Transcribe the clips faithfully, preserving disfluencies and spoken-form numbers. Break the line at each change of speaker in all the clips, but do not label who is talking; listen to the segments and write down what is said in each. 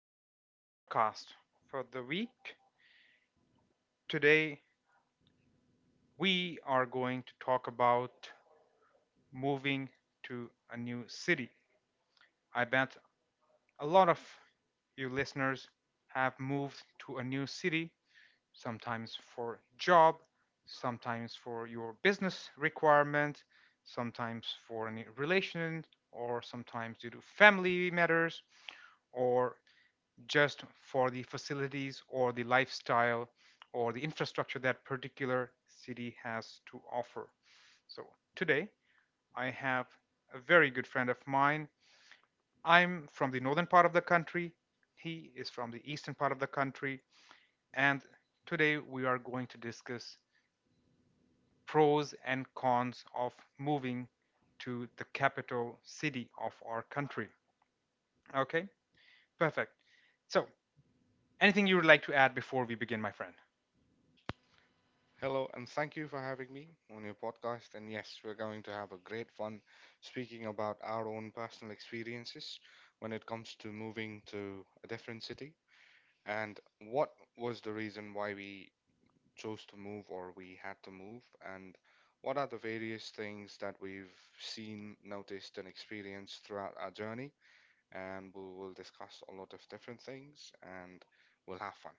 our podcast for the week. Today, we are going to talk about moving to a new city. I bet a lot of you listeners have moved to a new city, sometimes for job, sometimes for your business requirement, sometimes for any relation, or sometimes due to family matters, or just for the facilities or the lifestyle or the infrastructure that particular city has to offer. So today I have a very good friend of mine. I'm from the northern part of the country. He is from the eastern part of the country. And today we are going to discuss pros and cons of moving to the capital city of our country. Okay, perfect. So, anything you would like to add before we begin, my friend?
Hello, and thank you for having me on your podcast. And yes, we're going to have a great fun speaking about our own personal experiences when it comes to moving to a different city and what was the reason why we chose to move or we had to move, and what are the various things that we've seen, noticed, and experienced throughout our journey. And we will discuss a lot of different things and we'll have fun.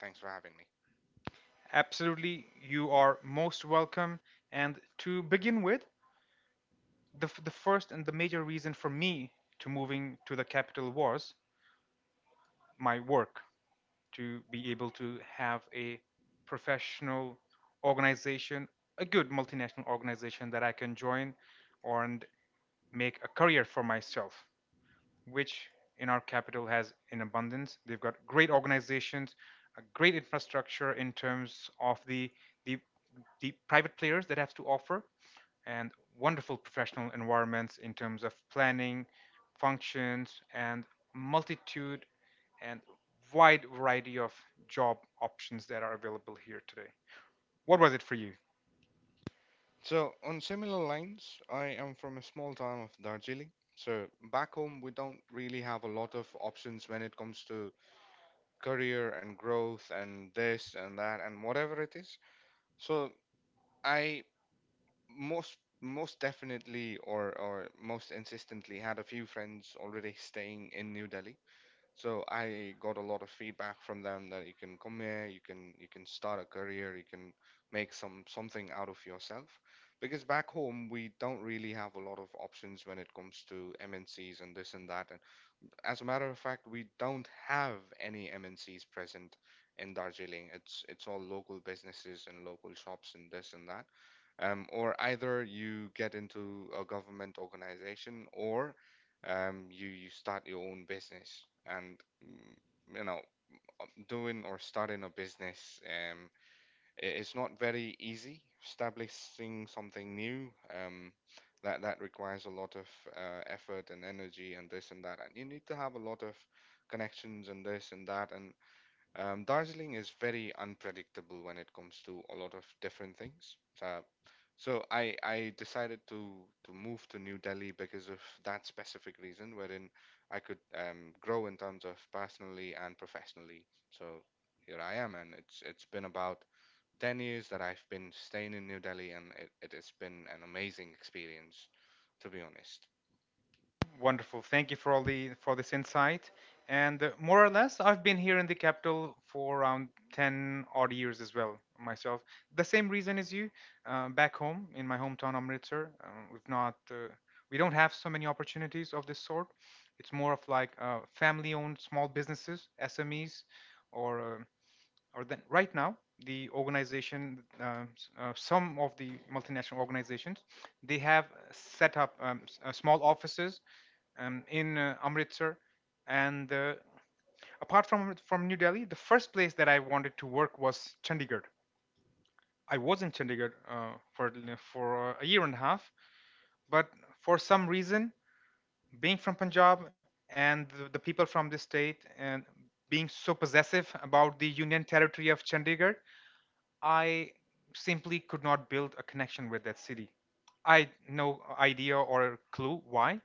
Thanks for having me.
Absolutely, you are most welcome. And to begin with, the, f- the first and the major reason for me to moving to the capital was my work, to be able to have a professional organization, a good multinational organization that I can join and make a career for myself, which in our capital has in abundance. They've got great organizations, a great infrastructure in terms of the the, the private players that have to offer, and wonderful professional environments in terms of planning, functions, and multitude and wide variety of job options that are available here today. What was it for you?
So, on similar lines, I am from a small town of Darjeeling. So, back home, we don't really have a lot of options when it comes to career and growth and this and that and whatever it is. So, I most most definitely or or most insistently had a few friends already staying in New Delhi. So I got a lot of feedback from them that you can come here, you can you can start a career, you can make some something out of yourself. Because back home we don't really have a lot of options when it comes to M N Cs and this and that. And as a matter of fact, we don't have any M N Cs present in Darjeeling. It's it's all local businesses and local shops and this and that, um, or either you get into a government organization, or um, you, you start your own business and mm, you know doing or starting a business, um, i- it's not very easy establishing something new, um, that that requires a lot of uh, effort and energy and this and that, and you need to have a lot of connections and this and that and. Um, Darjeeling is very unpredictable when it comes to a lot of different things. So, so I I decided to to move to New Delhi because of that specific reason, wherein I could um, grow in terms of personally and professionally. So here I am, and it's it's been about ten years that I've been staying in New Delhi, and it, it has been an amazing experience, to be honest.
Wonderful. Thank you for all the for this insight. And uh, more or less, I've been here in the capital for around ten odd years as well myself. The same reason as you. Uh, back home in my hometown Amritsar, uh, we've not uh, we don't have so many opportunities of this sort. It's more of like uh, family-owned small businesses, S M Es, or uh, or then right now the organization, uh, s- uh, some of the multinational organizations, they have set up um, s- uh, small offices um, in uh, Amritsar. And uh, apart from from New Delhi, the first place that I wanted to work was Chandigarh. I was in Chandigarh uh, for for a year and a half, but for some reason, being from Punjab and the, the people from this state and being so possessive about the Union Territory of Chandigarh, I simply could not build a connection with that city. I had no idea or clue why.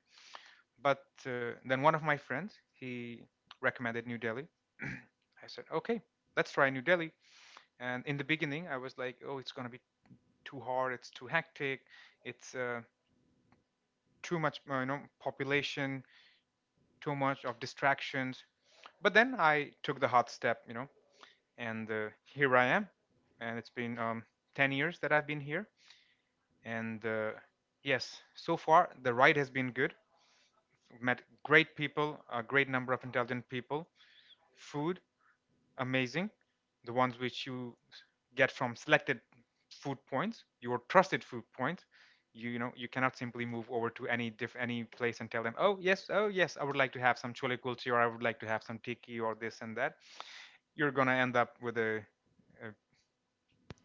But uh, then one of my friends, he recommended New Delhi. I said, okay, let's try New Delhi. And in the beginning, I was like, oh, it's going to be too hard. It's too hectic. It's uh, too much, uh, you know, population, too much of distractions. But then I took the hot step, you know, and uh, here I am. And it's been um, ten years that I've been here. And uh, yes, so far the ride has been good. Met great people, a great number of intelligent people. Food amazing, the ones which you get from selected food points, your trusted food points. You, you know you cannot simply move over to any diff any place and tell them, oh yes, oh yes, I would like to have some chole kulchi or I would like to have some tiki or this and that. You're gonna end up with a, a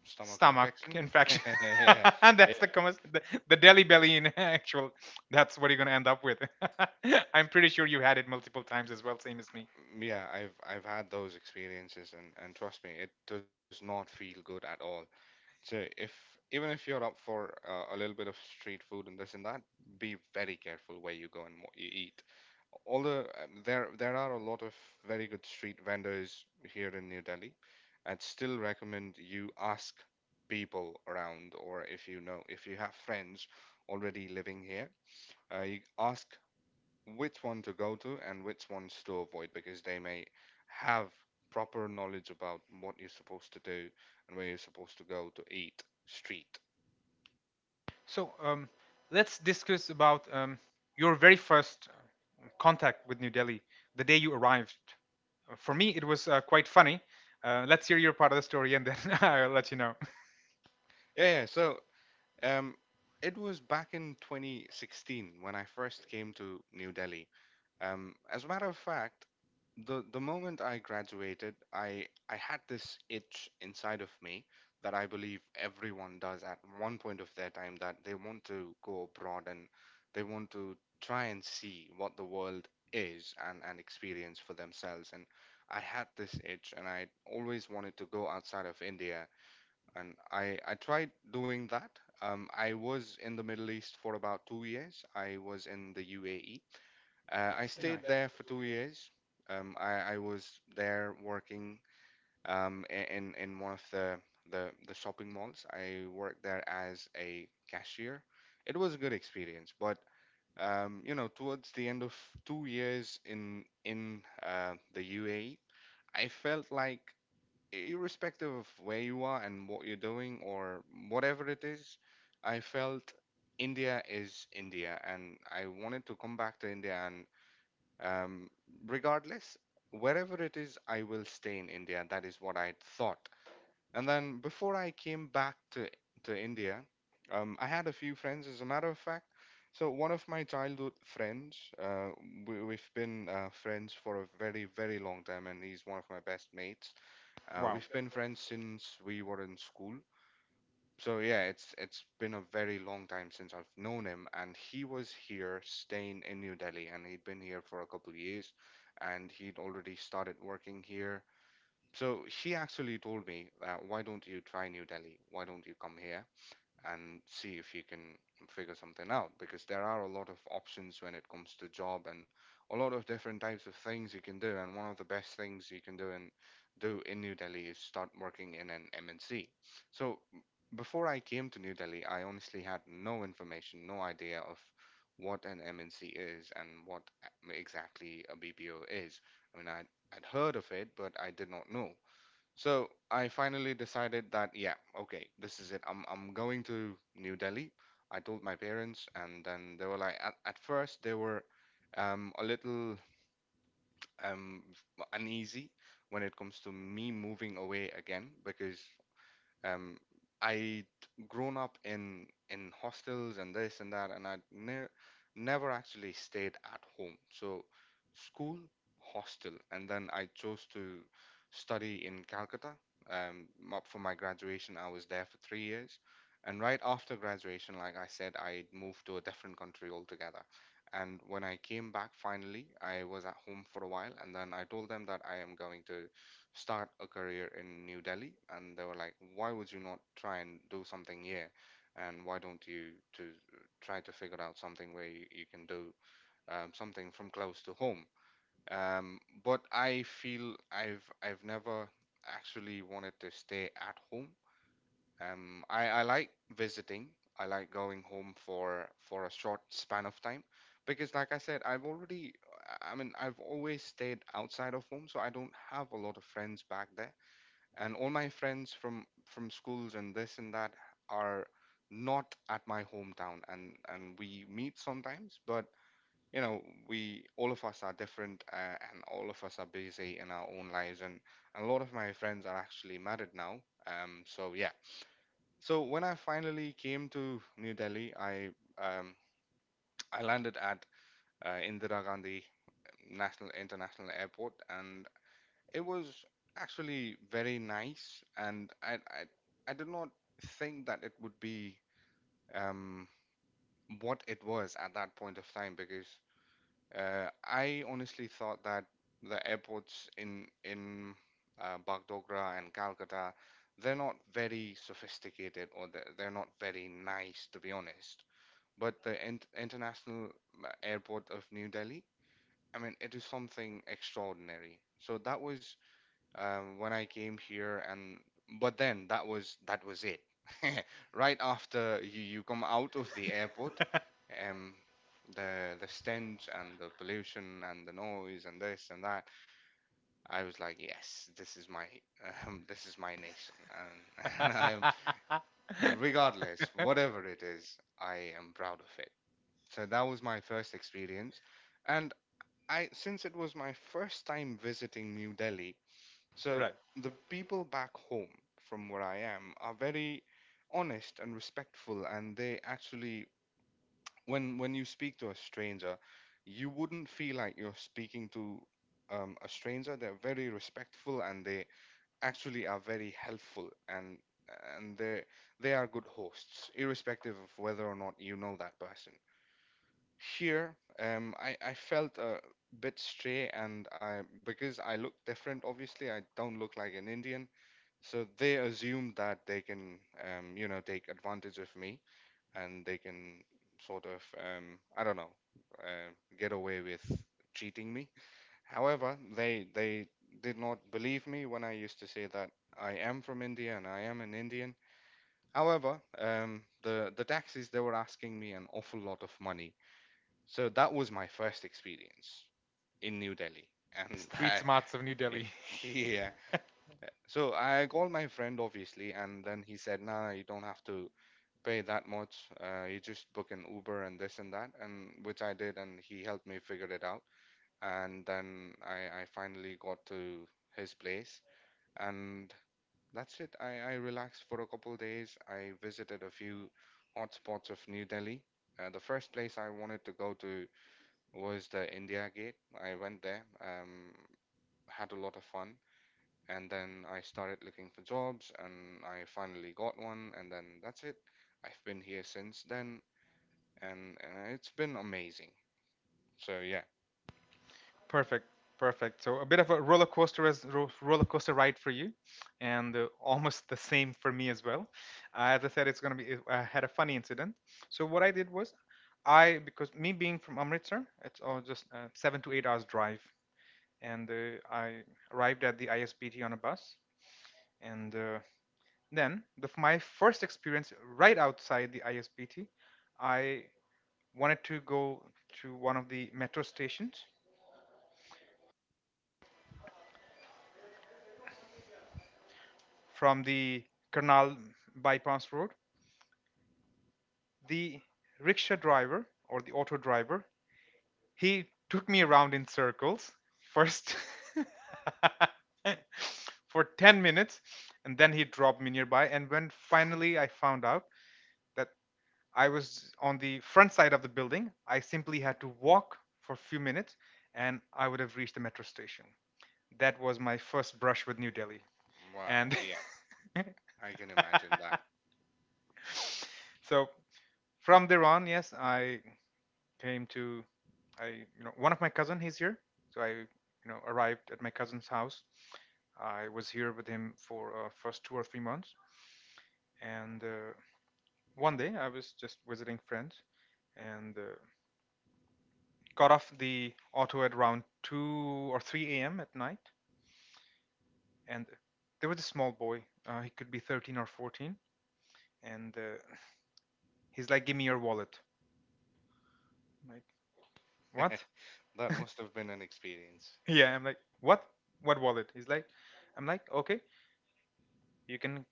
Stomach
stomach
infection?
infection.
Yeah.
And that's the, commas- the the deli belly in actual. That's what you're gonna end up with. I'm pretty sure you had it multiple times as well, same as me.
Mm, yeah, I've I've had those experiences, and and trust me, it does not feel good at all. So if even if you're up for uh, a little bit of street food and this and that, be very careful where you go and what you eat. Although, um, there there are a lot of very good street vendors here in New Delhi, I'd still recommend you ask people around, or if you know if you have friends already living here, uh, you ask which one to go to and which ones to avoid, because they may have proper knowledge about what you're supposed to do and where you're supposed to go to eat street.
So um, let's discuss about um, your very first uh, contact with New Delhi, the day you arrived. Uh, For me, it was uh, quite funny. Uh, let's hear your part of the story, and then I'll let you know.
Yeah, yeah. So, um, it was back in twenty sixteen when I first came to New Delhi. Um, as a matter of fact, the the moment I graduated, I I had this itch inside of me that I believe everyone does at one point of their time, that they want to go abroad and they want to try and see what the world is and and experience for themselves. And I had this itch, and I always wanted to go outside of India. And I I tried doing that. Um, I was in the Middle East for about two years. I was in the U A E, uh, I
Nice.
stayed there for two years. Um, I, I was there working, um, i- in in one of the, the the shopping malls. I worked there as a cashier. It was a good experience, but um, you know, towards the end of two years in in uh, the U A E, I felt like irrespective of where you are and what you're doing or whatever it is, I felt India is India, and I wanted to come back to India and, um, regardless, wherever it is, I will stay in India. That is what I thought. And then before I came back to to India, um, I had a few friends. As a matter of fact, so one of my childhood friends, uh, we, we've been uh, friends for a very very long time, and he's one of my best mates. Uh,
Wow.
we've been friends since we were in school, so yeah, it's it's been a very long time since I've known him, and he was here staying in New Delhi, and he'd been here for a couple of years, and he'd already started working here. So he actually told me, uh, "Why don't you try New Delhi? Why don't you come here?" and see if you can figure something out, because there are a lot of options when it comes to job and a lot of different types of things you can do, and one of the best things you can do and do in New Delhi is start working in an M N C. So before I came to New Delhi, I honestly had no information, no idea of what an M N C is and what, uh, exactly a B P O is. I mean, I I'd heard of it, but I did not know. So I finally decided that yeah, okay, this is it. I'm I'm going to New Delhi. I told my parents, and then they were like, at, at first they were um, a little um, uneasy when it comes to me moving away again, because um, I'd grown up in in hostels and this and that, and I'd ne never actually stayed at home. So school, hostel, and then I chose to study in Calcutta. Um, m- for my graduation, I was there for three years, and right after graduation, like I said, I moved to a different country altogether. And when I came back finally, I was at home for a while, and then I told them that I am going to start a career in New Delhi, and they were like, "Why would you not try and do something here? And why don't you to try to figure out something where you, you can do um, something from close to home?" Um, but I feel I've I've never actually wanted to stay at home. Um, I, I like visiting. I like going home for for a short span of time, because, like I said, I've already I I mean I've always stayed outside of home, so I don't have a lot of friends back there, and all my friends from from schools and this and that are not at my hometown, and and we meet sometimes, but you know, we all of us are different, uh, and all of us are busy in our own lives, and a lot of my friends are actually married now, um so yeah, so when I finally came to New Delhi, I, um, I landed at uh, Indira Gandhi National International Airport, and it was actually very nice, and I I, I did not think that it would be um, what it was at that point of time, because uh, I honestly thought that the airports in in uh, Bagdogra and Calcutta, they're not very sophisticated, or they're, they're not very nice, to be honest. But the in- international uh, airport of New Delhi, I mean, it is something extraordinary. So that was um, when I came here, and but then that was that was it. Right after you, you come out of the airport, um, the the stench and the pollution and the noise and this and that. I was like, yes, this is my um, this is my nation, and and I am regardless whatever it is, I am proud of it. So that was my first experience, and I, since it was my first time visiting New Delhi. So
Right.
the people back home, from where I am, are very honest and respectful, and they actually, when when you speak to a stranger, you wouldn't feel like you're speaking to um, a stranger. They're very respectful, and they actually are very helpful, and and they they are good hosts, irrespective of whether or not you know that person. Here, um, I I felt a bit stray, and I because I look different. Obviously, I don't look like an Indian, so they assume that they can, um, you know, take advantage of me, and they can sort of, um, I don't know, uh, get away with cheating me. However, they they did not believe me when I used to say that I am from India and I am an Indian. However, um, the the taxis they were asking me an awful lot of money. So that was my first experience in New Delhi, and
Street
that,
smarts of New Delhi.
yeah. So I called my friend obviously, and then he said, "Nah, you don't have to pay that much. Uh, you just book an Uber and this and that," and which I did, and he helped me figure it out. And then I, I finally got to his place, and that's it. I, I relaxed for a couple days. I visited a few hotspots of New Delhi. Uh, the first place I wanted to go to was the India Gate. I went there, um, had a lot of fun, and then I started looking for jobs and I finally got one, and then that's it. I've been here since then, and, and it's been amazing. So yeah.
Perfect, perfect. So a bit of a roller coaster, as ro- roller coaster ride for you, and uh, almost the same for me as well. Uh, as I said, it's gonna be. I had a funny incident. So what I did was, I, because me being from Amritsar, it's all just uh, seven to eight hours drive, and uh, I arrived at the I S B T on a bus, and uh, then the, f- my first experience right outside the I S B T, I wanted to go to one of the metro stations from the Karnal bypass road. The rickshaw driver or the auto driver, he took me around in circles first for ten minutes and then he dropped me nearby. And when finally I found out that I was on the front side of the building, I simply had to walk for a few minutes and I would have reached the metro station. That was my first brush with New Delhi. Wow.
Wow,
And
yeah, I can imagine that.
so from there on, yes, I came to, I you know, one of my cousin he's here, so I you know arrived at my cousin's house. I was here with him for uh, first two or three months, and uh, one day I was just visiting friends, and uh, got off the auto at around two or three a m at night, and there was a small boy. Uh, he could be thirteen or fourteen, and uh, he's like, "Give me your wallet." I'm like, what?
That must have been an experience.
Yeah, I'm like, what? What wallet? He's like, I'm like, okay, you can,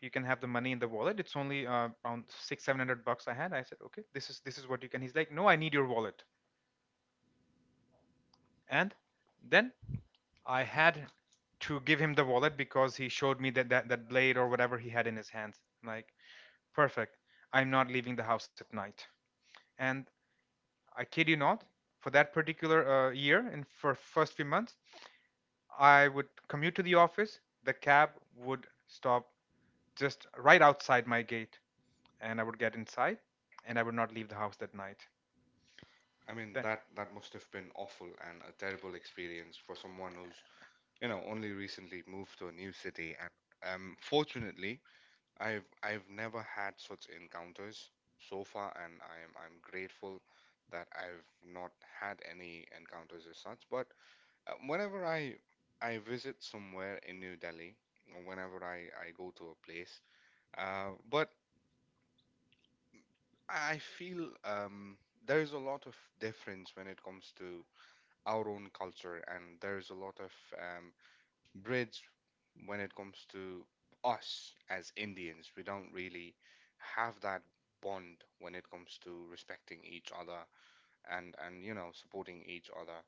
you can have the money in the wallet. It's only uh, around six seven hundred bucks I had. I said, okay, this is, this is what you can. He's like, no, I need your wallet. And then I had to give him the wallet because he showed me that that, that blade or whatever he had in his hands. I'm like, perfect, I'm not leaving the house at night. And I kid you not, for that particular uh, year and for first few months, I would commute to the office. The cab would stop just right outside my gate and I would get inside, and I would not leave the house that night.
I mean,
That-
that that must have been awful and a terrible experience for someone who's, you know, only recently moved to a new city, and um fortunately I've I've never had such encounters so far, and I'm I'm grateful that I've not had any encounters as such. But uh, whenever I I visit somewhere in New Delhi, or whenever I I go to a place, uh, but I feel um there is a lot of difference when it comes to our own culture, and there is a lot of um bridge when it comes to us as Indians. We don't really have that bond when it comes to respecting each other, and and you know supporting each other.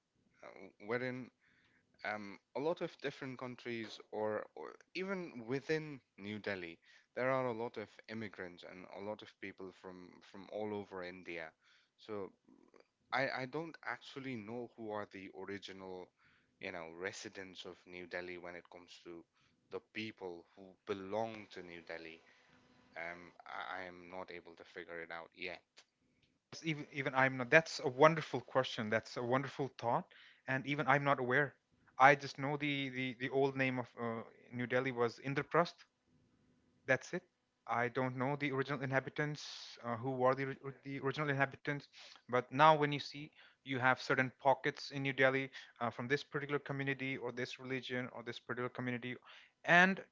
Uh, wherein um, a lot of different countries or, or even within New Delhi, there are a lot of immigrants and a lot of people from, from all over India. So I, I don't actually know who are the original, you know, residents of New Delhi when it comes to the people who belong to New Delhi. Um, I, I am not able to figure it out yet.
It's, Even even I'm not. That's a wonderful question. That's a wonderful thought, and even I'm not aware. I just know the the, the old name of uh, New Delhi was Indraprastha. That's it. I don't know the original inhabitants, uh, who were the, ri- or- the original inhabitants, but now when you see, you have certain pockets in New Delhi uh, from this particular community or this religion or this particular community, and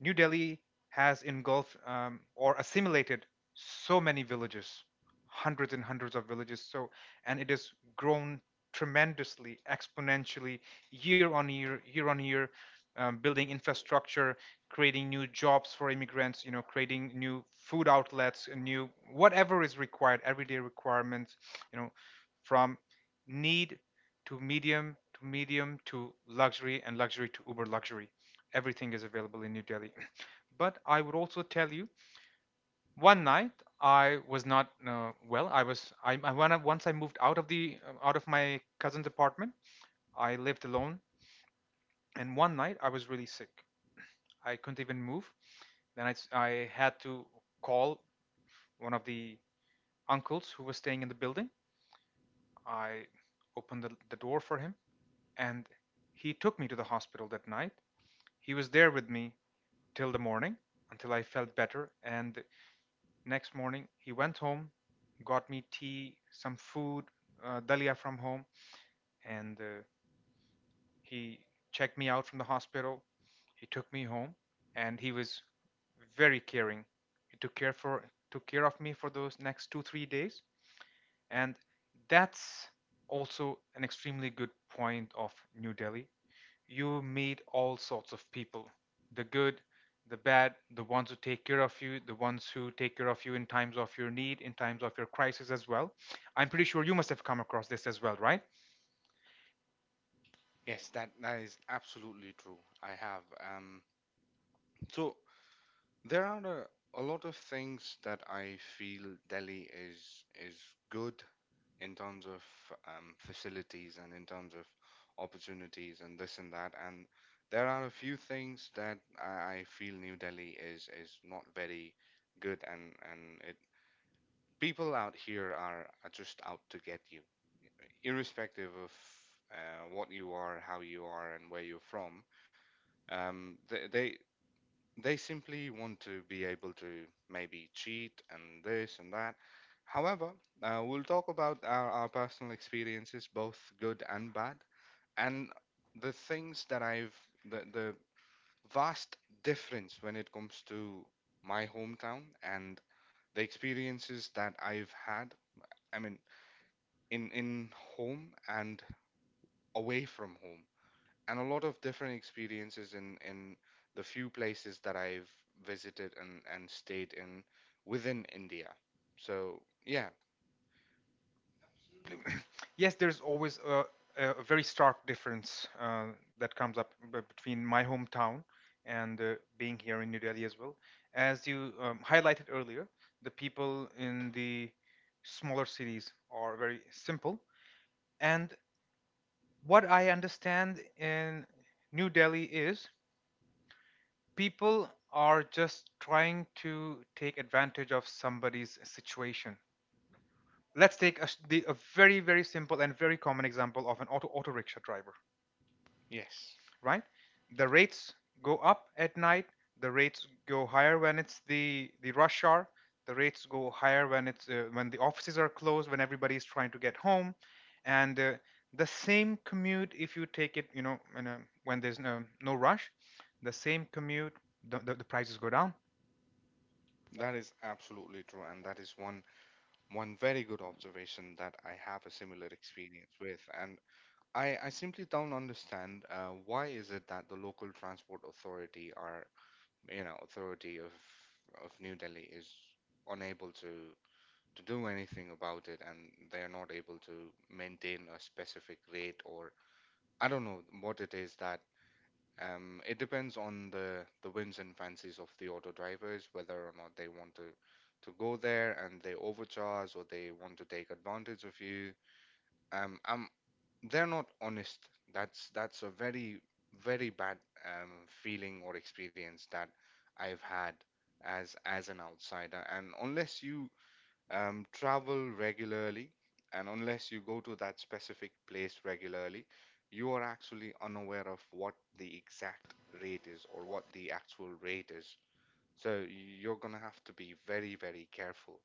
New Delhi has engulfed um, or assimilated so many villages, hundreds and hundreds of villages. So, and it has grown tremendously, exponentially, year on year, year on year, um, building infrastructure, creating new jobs for immigrants, you know, creating new food outlets, and new whatever is required, everyday requirements, you know, from need to medium, to medium to luxury, and luxury to uber luxury. Everything is available in New Delhi. But I would also tell you, one night I was not uh, well. I was I, I when I, once I moved out of the uh, out of my cousin's apartment, I lived alone, and one night I was really sick. I couldn't even move. Then I s- I had to call one of the uncles who was staying in the building. I opened the, the door for him, and he took me to the hospital that night. He was there with me till the morning until I felt better. And next morning, he went home, got me tea, some food, uh, dalia from home, and uh, he checked me out from the hospital. He took me home, and he was very caring. He took care for took care of me for those next two three days, and that's also an extremely good point of New Delhi. You meet all sorts of people: the good, the bad, the ones who take care of you, the ones who take care of you in times of your need, in times of your crisis as well. I'm pretty sure you must have come across this as well, right?
Yes, that, that is absolutely true. I have. Um, so there are a, a lot of things that I feel Delhi is is good in terms of um, facilities and in terms of opportunities and this and that. And there are a few things that I, I feel New Delhi is is not very good, and and it, people out here are, are just out to get you, irrespective of uh, what you are, how you are, and where you're from. Um, they, they they simply want to be able to maybe cheat and this and that. However, uh, we'll talk about our, our personal experiences, both good and bad, and the things that I've, the, the vast difference when it comes to my hometown, and the experiences that I've had, I mean, in, in home and away from home, and a lot of different experiences in in the few places that I've visited and and stayed in within India. So yeah.
Yes, there's always a, a very stark difference uh, that comes up between my hometown and uh, being here in New Delhi as well. As you um, highlighted earlier, the people in the smaller cities are very simple, and what I understand in New Delhi is people are just trying to take advantage of somebody's situation. Let's take a, s- the, a very, very simple and very common example of an auto, auto rickshaw driver.
Yes,
Right? The rates go up at night. The rates go higher when it's the the rush hour. The rates go higher when it's uh, when the offices are closed, when everybody is trying to get home, and uh, the same commute if you take it, you know, when, uh, when there's no, no rush, the same commute, the, the, the prices go down.
that is absolutely true, and that is one one very good observation that I have a similar experience with, and I I simply don't understand uh, why is it that the local transport authority are, you know, authority of of New Delhi is unable to to do anything about it, and they're not able to maintain a specific rate, or I don't know what it is that um, it depends on the the whims and fancies of the auto drivers whether or not they want to to go there and they overcharge or they want to take advantage of you. um, um they're not honest. that's that's a very very bad um, feeling or experience that I've had as as an outsider, and unless you um, travel regularly, and unless you go to that specific place regularly, you are actually unaware of what the exact rate is or what the actual rate is. So you're gonna have to be very, very careful.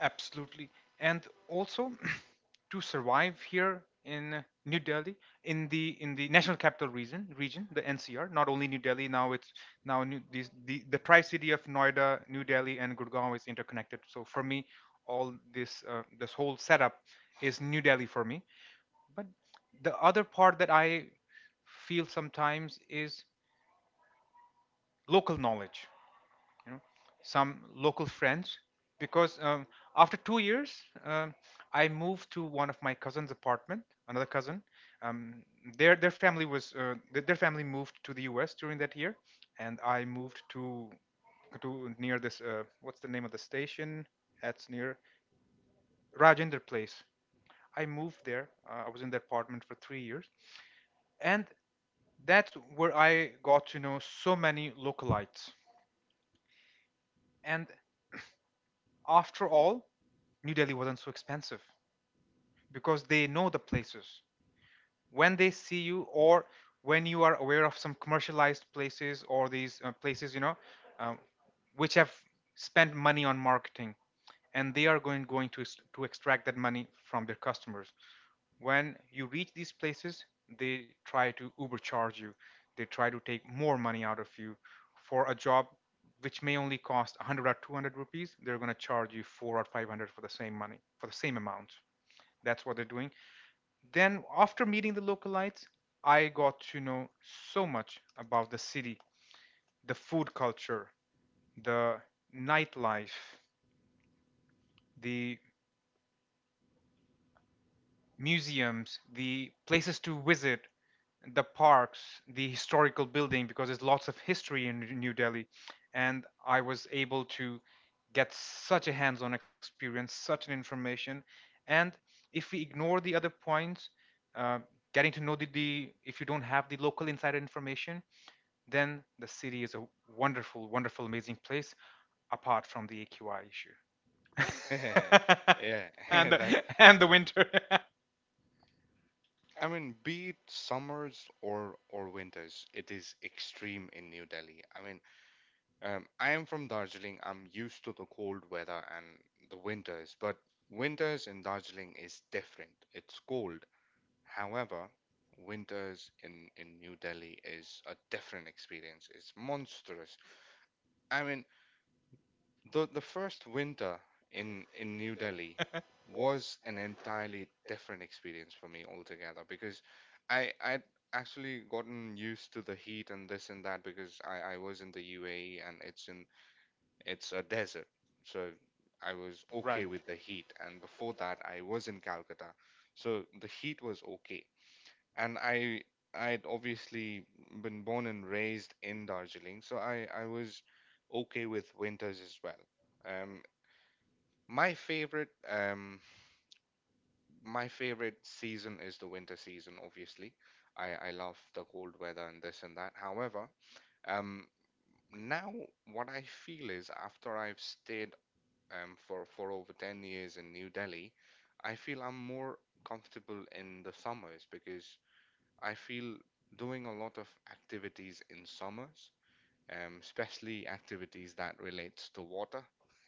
Absolutely. And also to survive here in New Delhi, in the in the national capital region region the N C R, not only New Delhi now. It's now new, these, the the tri-city of Noida, New Delhi and Gurgaon is interconnected, so for me all this uh, this whole setup is New Delhi for me. But the other part that I feel sometimes is local knowledge, you know, some local friends. Because um, after two years um, I moved to one of my cousin's apartment, another cousin. um, their their family was uh, th- their family moved to the US during that year, and I moved to to near this uh, what's the name of the station, that's near Rajender Place. I moved there. uh, I was in that apartment for three years, and that's where I got to know so many localites. And after all, New Delhi wasn't so expensive because they know the places. When they see you, or when you are aware of some commercialized places or these uh, places, you know, um, which have spent money on marketing, and they are going going to to extract that money from their customers. When you reach these places, they try to overcharge you. They try to take more money out of you for a job which may only cost one hundred or two hundred rupees. They're going to charge you four or five hundred for the same money, for the same amount. That's what they're doing. Then, after meeting the localites, I got to know so much about the city, the food culture, the nightlife, the museums, the places to visit, the parks, the historical building, because there's lots of history in New Delhi. And I was able to get such a hands on experience, such an information. And if we ignore the other points, uh, getting to know the, the, if you don't have the local insider information, then the city is a wonderful, wonderful, amazing place, apart from the A Q I issue.
Yeah,
Yeah. And
that.
the, and the winter.
I mean, be it summers or or winters, it is extreme in New Delhi. I mean, Um, I am from Darjeeling. I'm used to the cold weather and the winters, but winters in Darjeeling is different. It's cold. However, winters in, in New Delhi is a different experience. It's monstrous. I mean, the the first winter in in New Delhi was an entirely different experience for me altogether, because I I'd actually gotten used to the heat and this and that because I, I was in the U A E, and it's in it's a desert. So I was okay
Right.
with the
The heat,
heat.
and
And before
before
that,
that,
I was in Calcutta. So the heat was okay. And I I'd obviously been born and raised in Darjeeling, so I, I was okay with winters as well. Um, my favorite um, my favorite season is the winter season, obviously. I, I love the cold weather and this and that. However, um, now what I feel is after I've stayed um, for, for over ten years in New Delhi, I feel I'm more comfortable in the summers, because I feel doing a lot of activities in summers, um, especially activities that relates to water.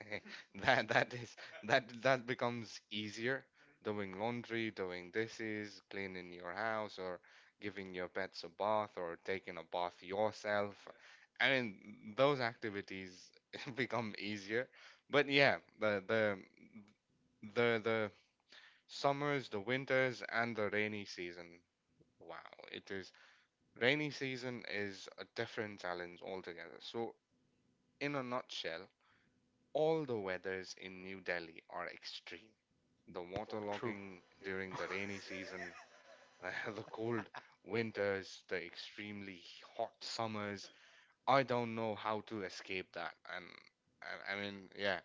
That that is that that becomes easier: doing laundry, doing dishes, cleaning your house, or giving your pets a bath, or taking a bath yourself. I mean, those activities become easier. But yeah, the the the the summers, the winters, and the rainy season. Wow, it is rainy season is a different challenge altogether. So, in a nutshell, all the weathers in New Delhi are extreme. The
not true.
waterlogging
During
during
the rainy
the rainy
season,
season, the cold winters, the extremely hot summers. I don't know how to escape that. And I, I mean, yeah,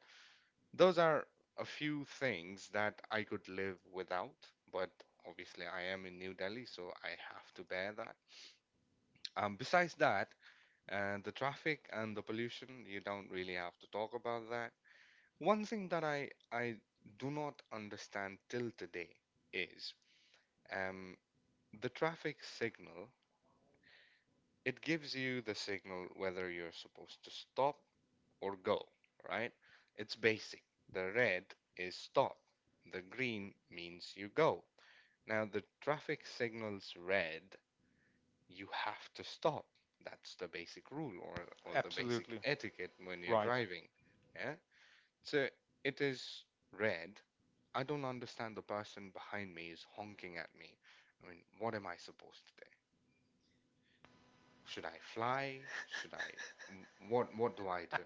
those are a few things that I could live without, but obviously I am in New Delhi, so I have to bear that. Um, besides that, uh, the traffic and the pollution, you don't really have to talk about that. One thing that I, I do not understand till today is um, the traffic signal, it gives you the signal whether you're supposed to stop or go, right? It's basic. The red is stop, the green means you go. Now, the traffic signals red, you have to stop. That's the basic rule, or, or the basic
absolutely.
etiquette when you're
Right.
driving. Yeah? So it is red. I don't understand the person behind me is honking at me. I mean, what am I supposed to do? Should I fly? Should I m- what what do I do?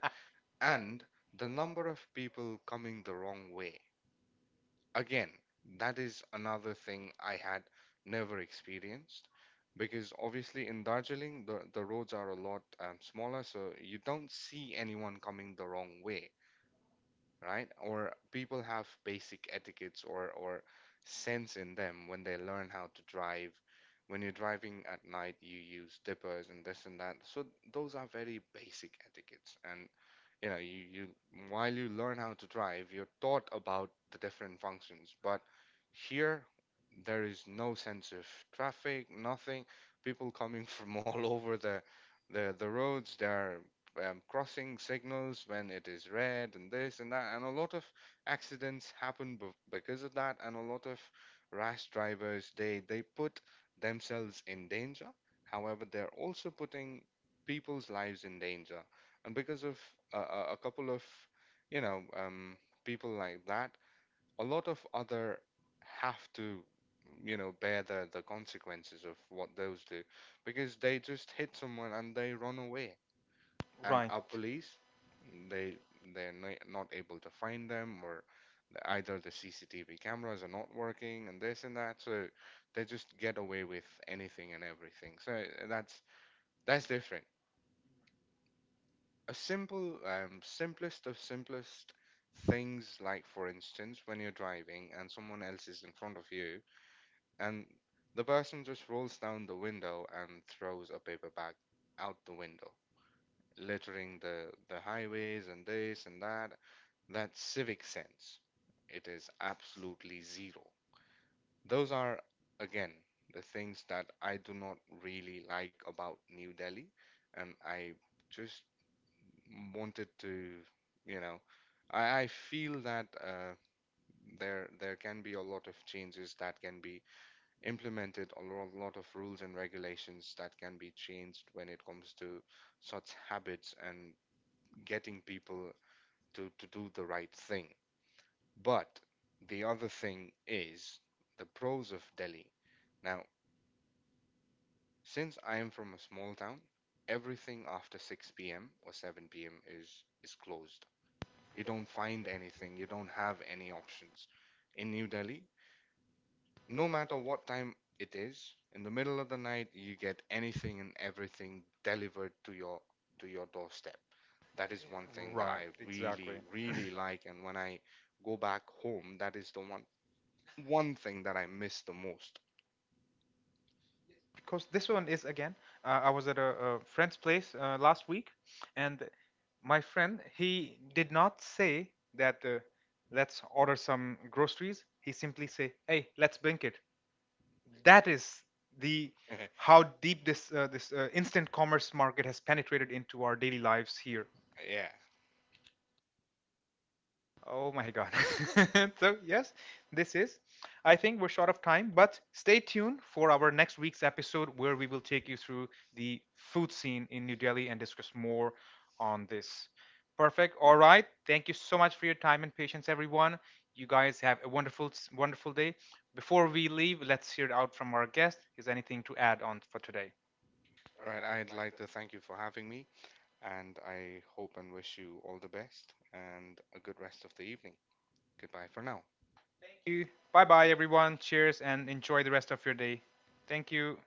And the number of people coming the wrong way. Again, that is another thing I had never experienced, because obviously in Darjeeling the, the roads are a lot um, smaller, so you don't see anyone coming the wrong way, right? Or people have basic etiquettes or or sense in them when they learn how to drive. When you're driving at night, you use dippers and this and that. So those are very basic etiquettes. And you know, you, you while you learn how to drive, you're taught about the different functions. But here, there is no sense of traffic, nothing. People coming from all over the the the roads. They are um, crossing signals when it is red and this and that, and a lot of accidents happen b- because of that, and a lot of rash drivers, they they put themselves in danger, however they're also putting people's lives in danger. And because of uh, a a couple of, you know, um, people like that, a lot of other have to, you know, bear the the consequences of what those do, because they just hit someone and they run away, and
Right.
a police they they're no- not able to find them, or the- either the C C T V cameras are not working and this and that, so they just get away with anything and everything. So uh, that's that's different. A simple um, simplest of simplest things, like for instance when you're driving and someone else is in front of you, and the person just rolls down the window and throws a paper bag out the window, littering the the highways and this and that. That civic sense, it is absolutely zero. Those are, again, the things that I do not really like about New Delhi, and I just wanted to, you know, I, I feel that uh, there there can be a lot of changes that can be implemented, a lo- lot of rules and regulations that can be changed when it comes to such habits, and getting people to, to do the right thing. But the other thing is the pros of Delhi. Now, since I am from a small town, everything after six p m or seven p m is is closed. You don't find anything, you don't have any options. In New Delhi, no matter what time it is, in the middle of the night you get anything and everything delivered to your to your doorstep. That is one thing that
Right.
I
Exactly.
really really like, and when I go back home, that is the one one thing that I miss the most.
Because this one is again, uh, I was at a, a friend's place uh, last week, and my friend he did not say that uh, let's order some groceries. He simply say, "Hey, let's blink it." That is the how deep this uh, this uh, instant commerce market has penetrated into our daily lives here.
Yeah.
Oh my god. So yes, this is, I think we're short of time, but stay tuned for our next week's episode where we will take you through the food scene in New Delhi and discuss more on this. Perfect. All right. Thank you so much for your time and patience, everyone. You guys have a wonderful wonderful day. Before we leave, let's hear it out from our guest. Is anything to add on for today?
Right. I'd like to thank you for having me, and I hope and wish you all the best and a good rest of the evening. Goodbye for now.
Bye bye, everyone. Cheers and enjoy the rest of your day. Thank you.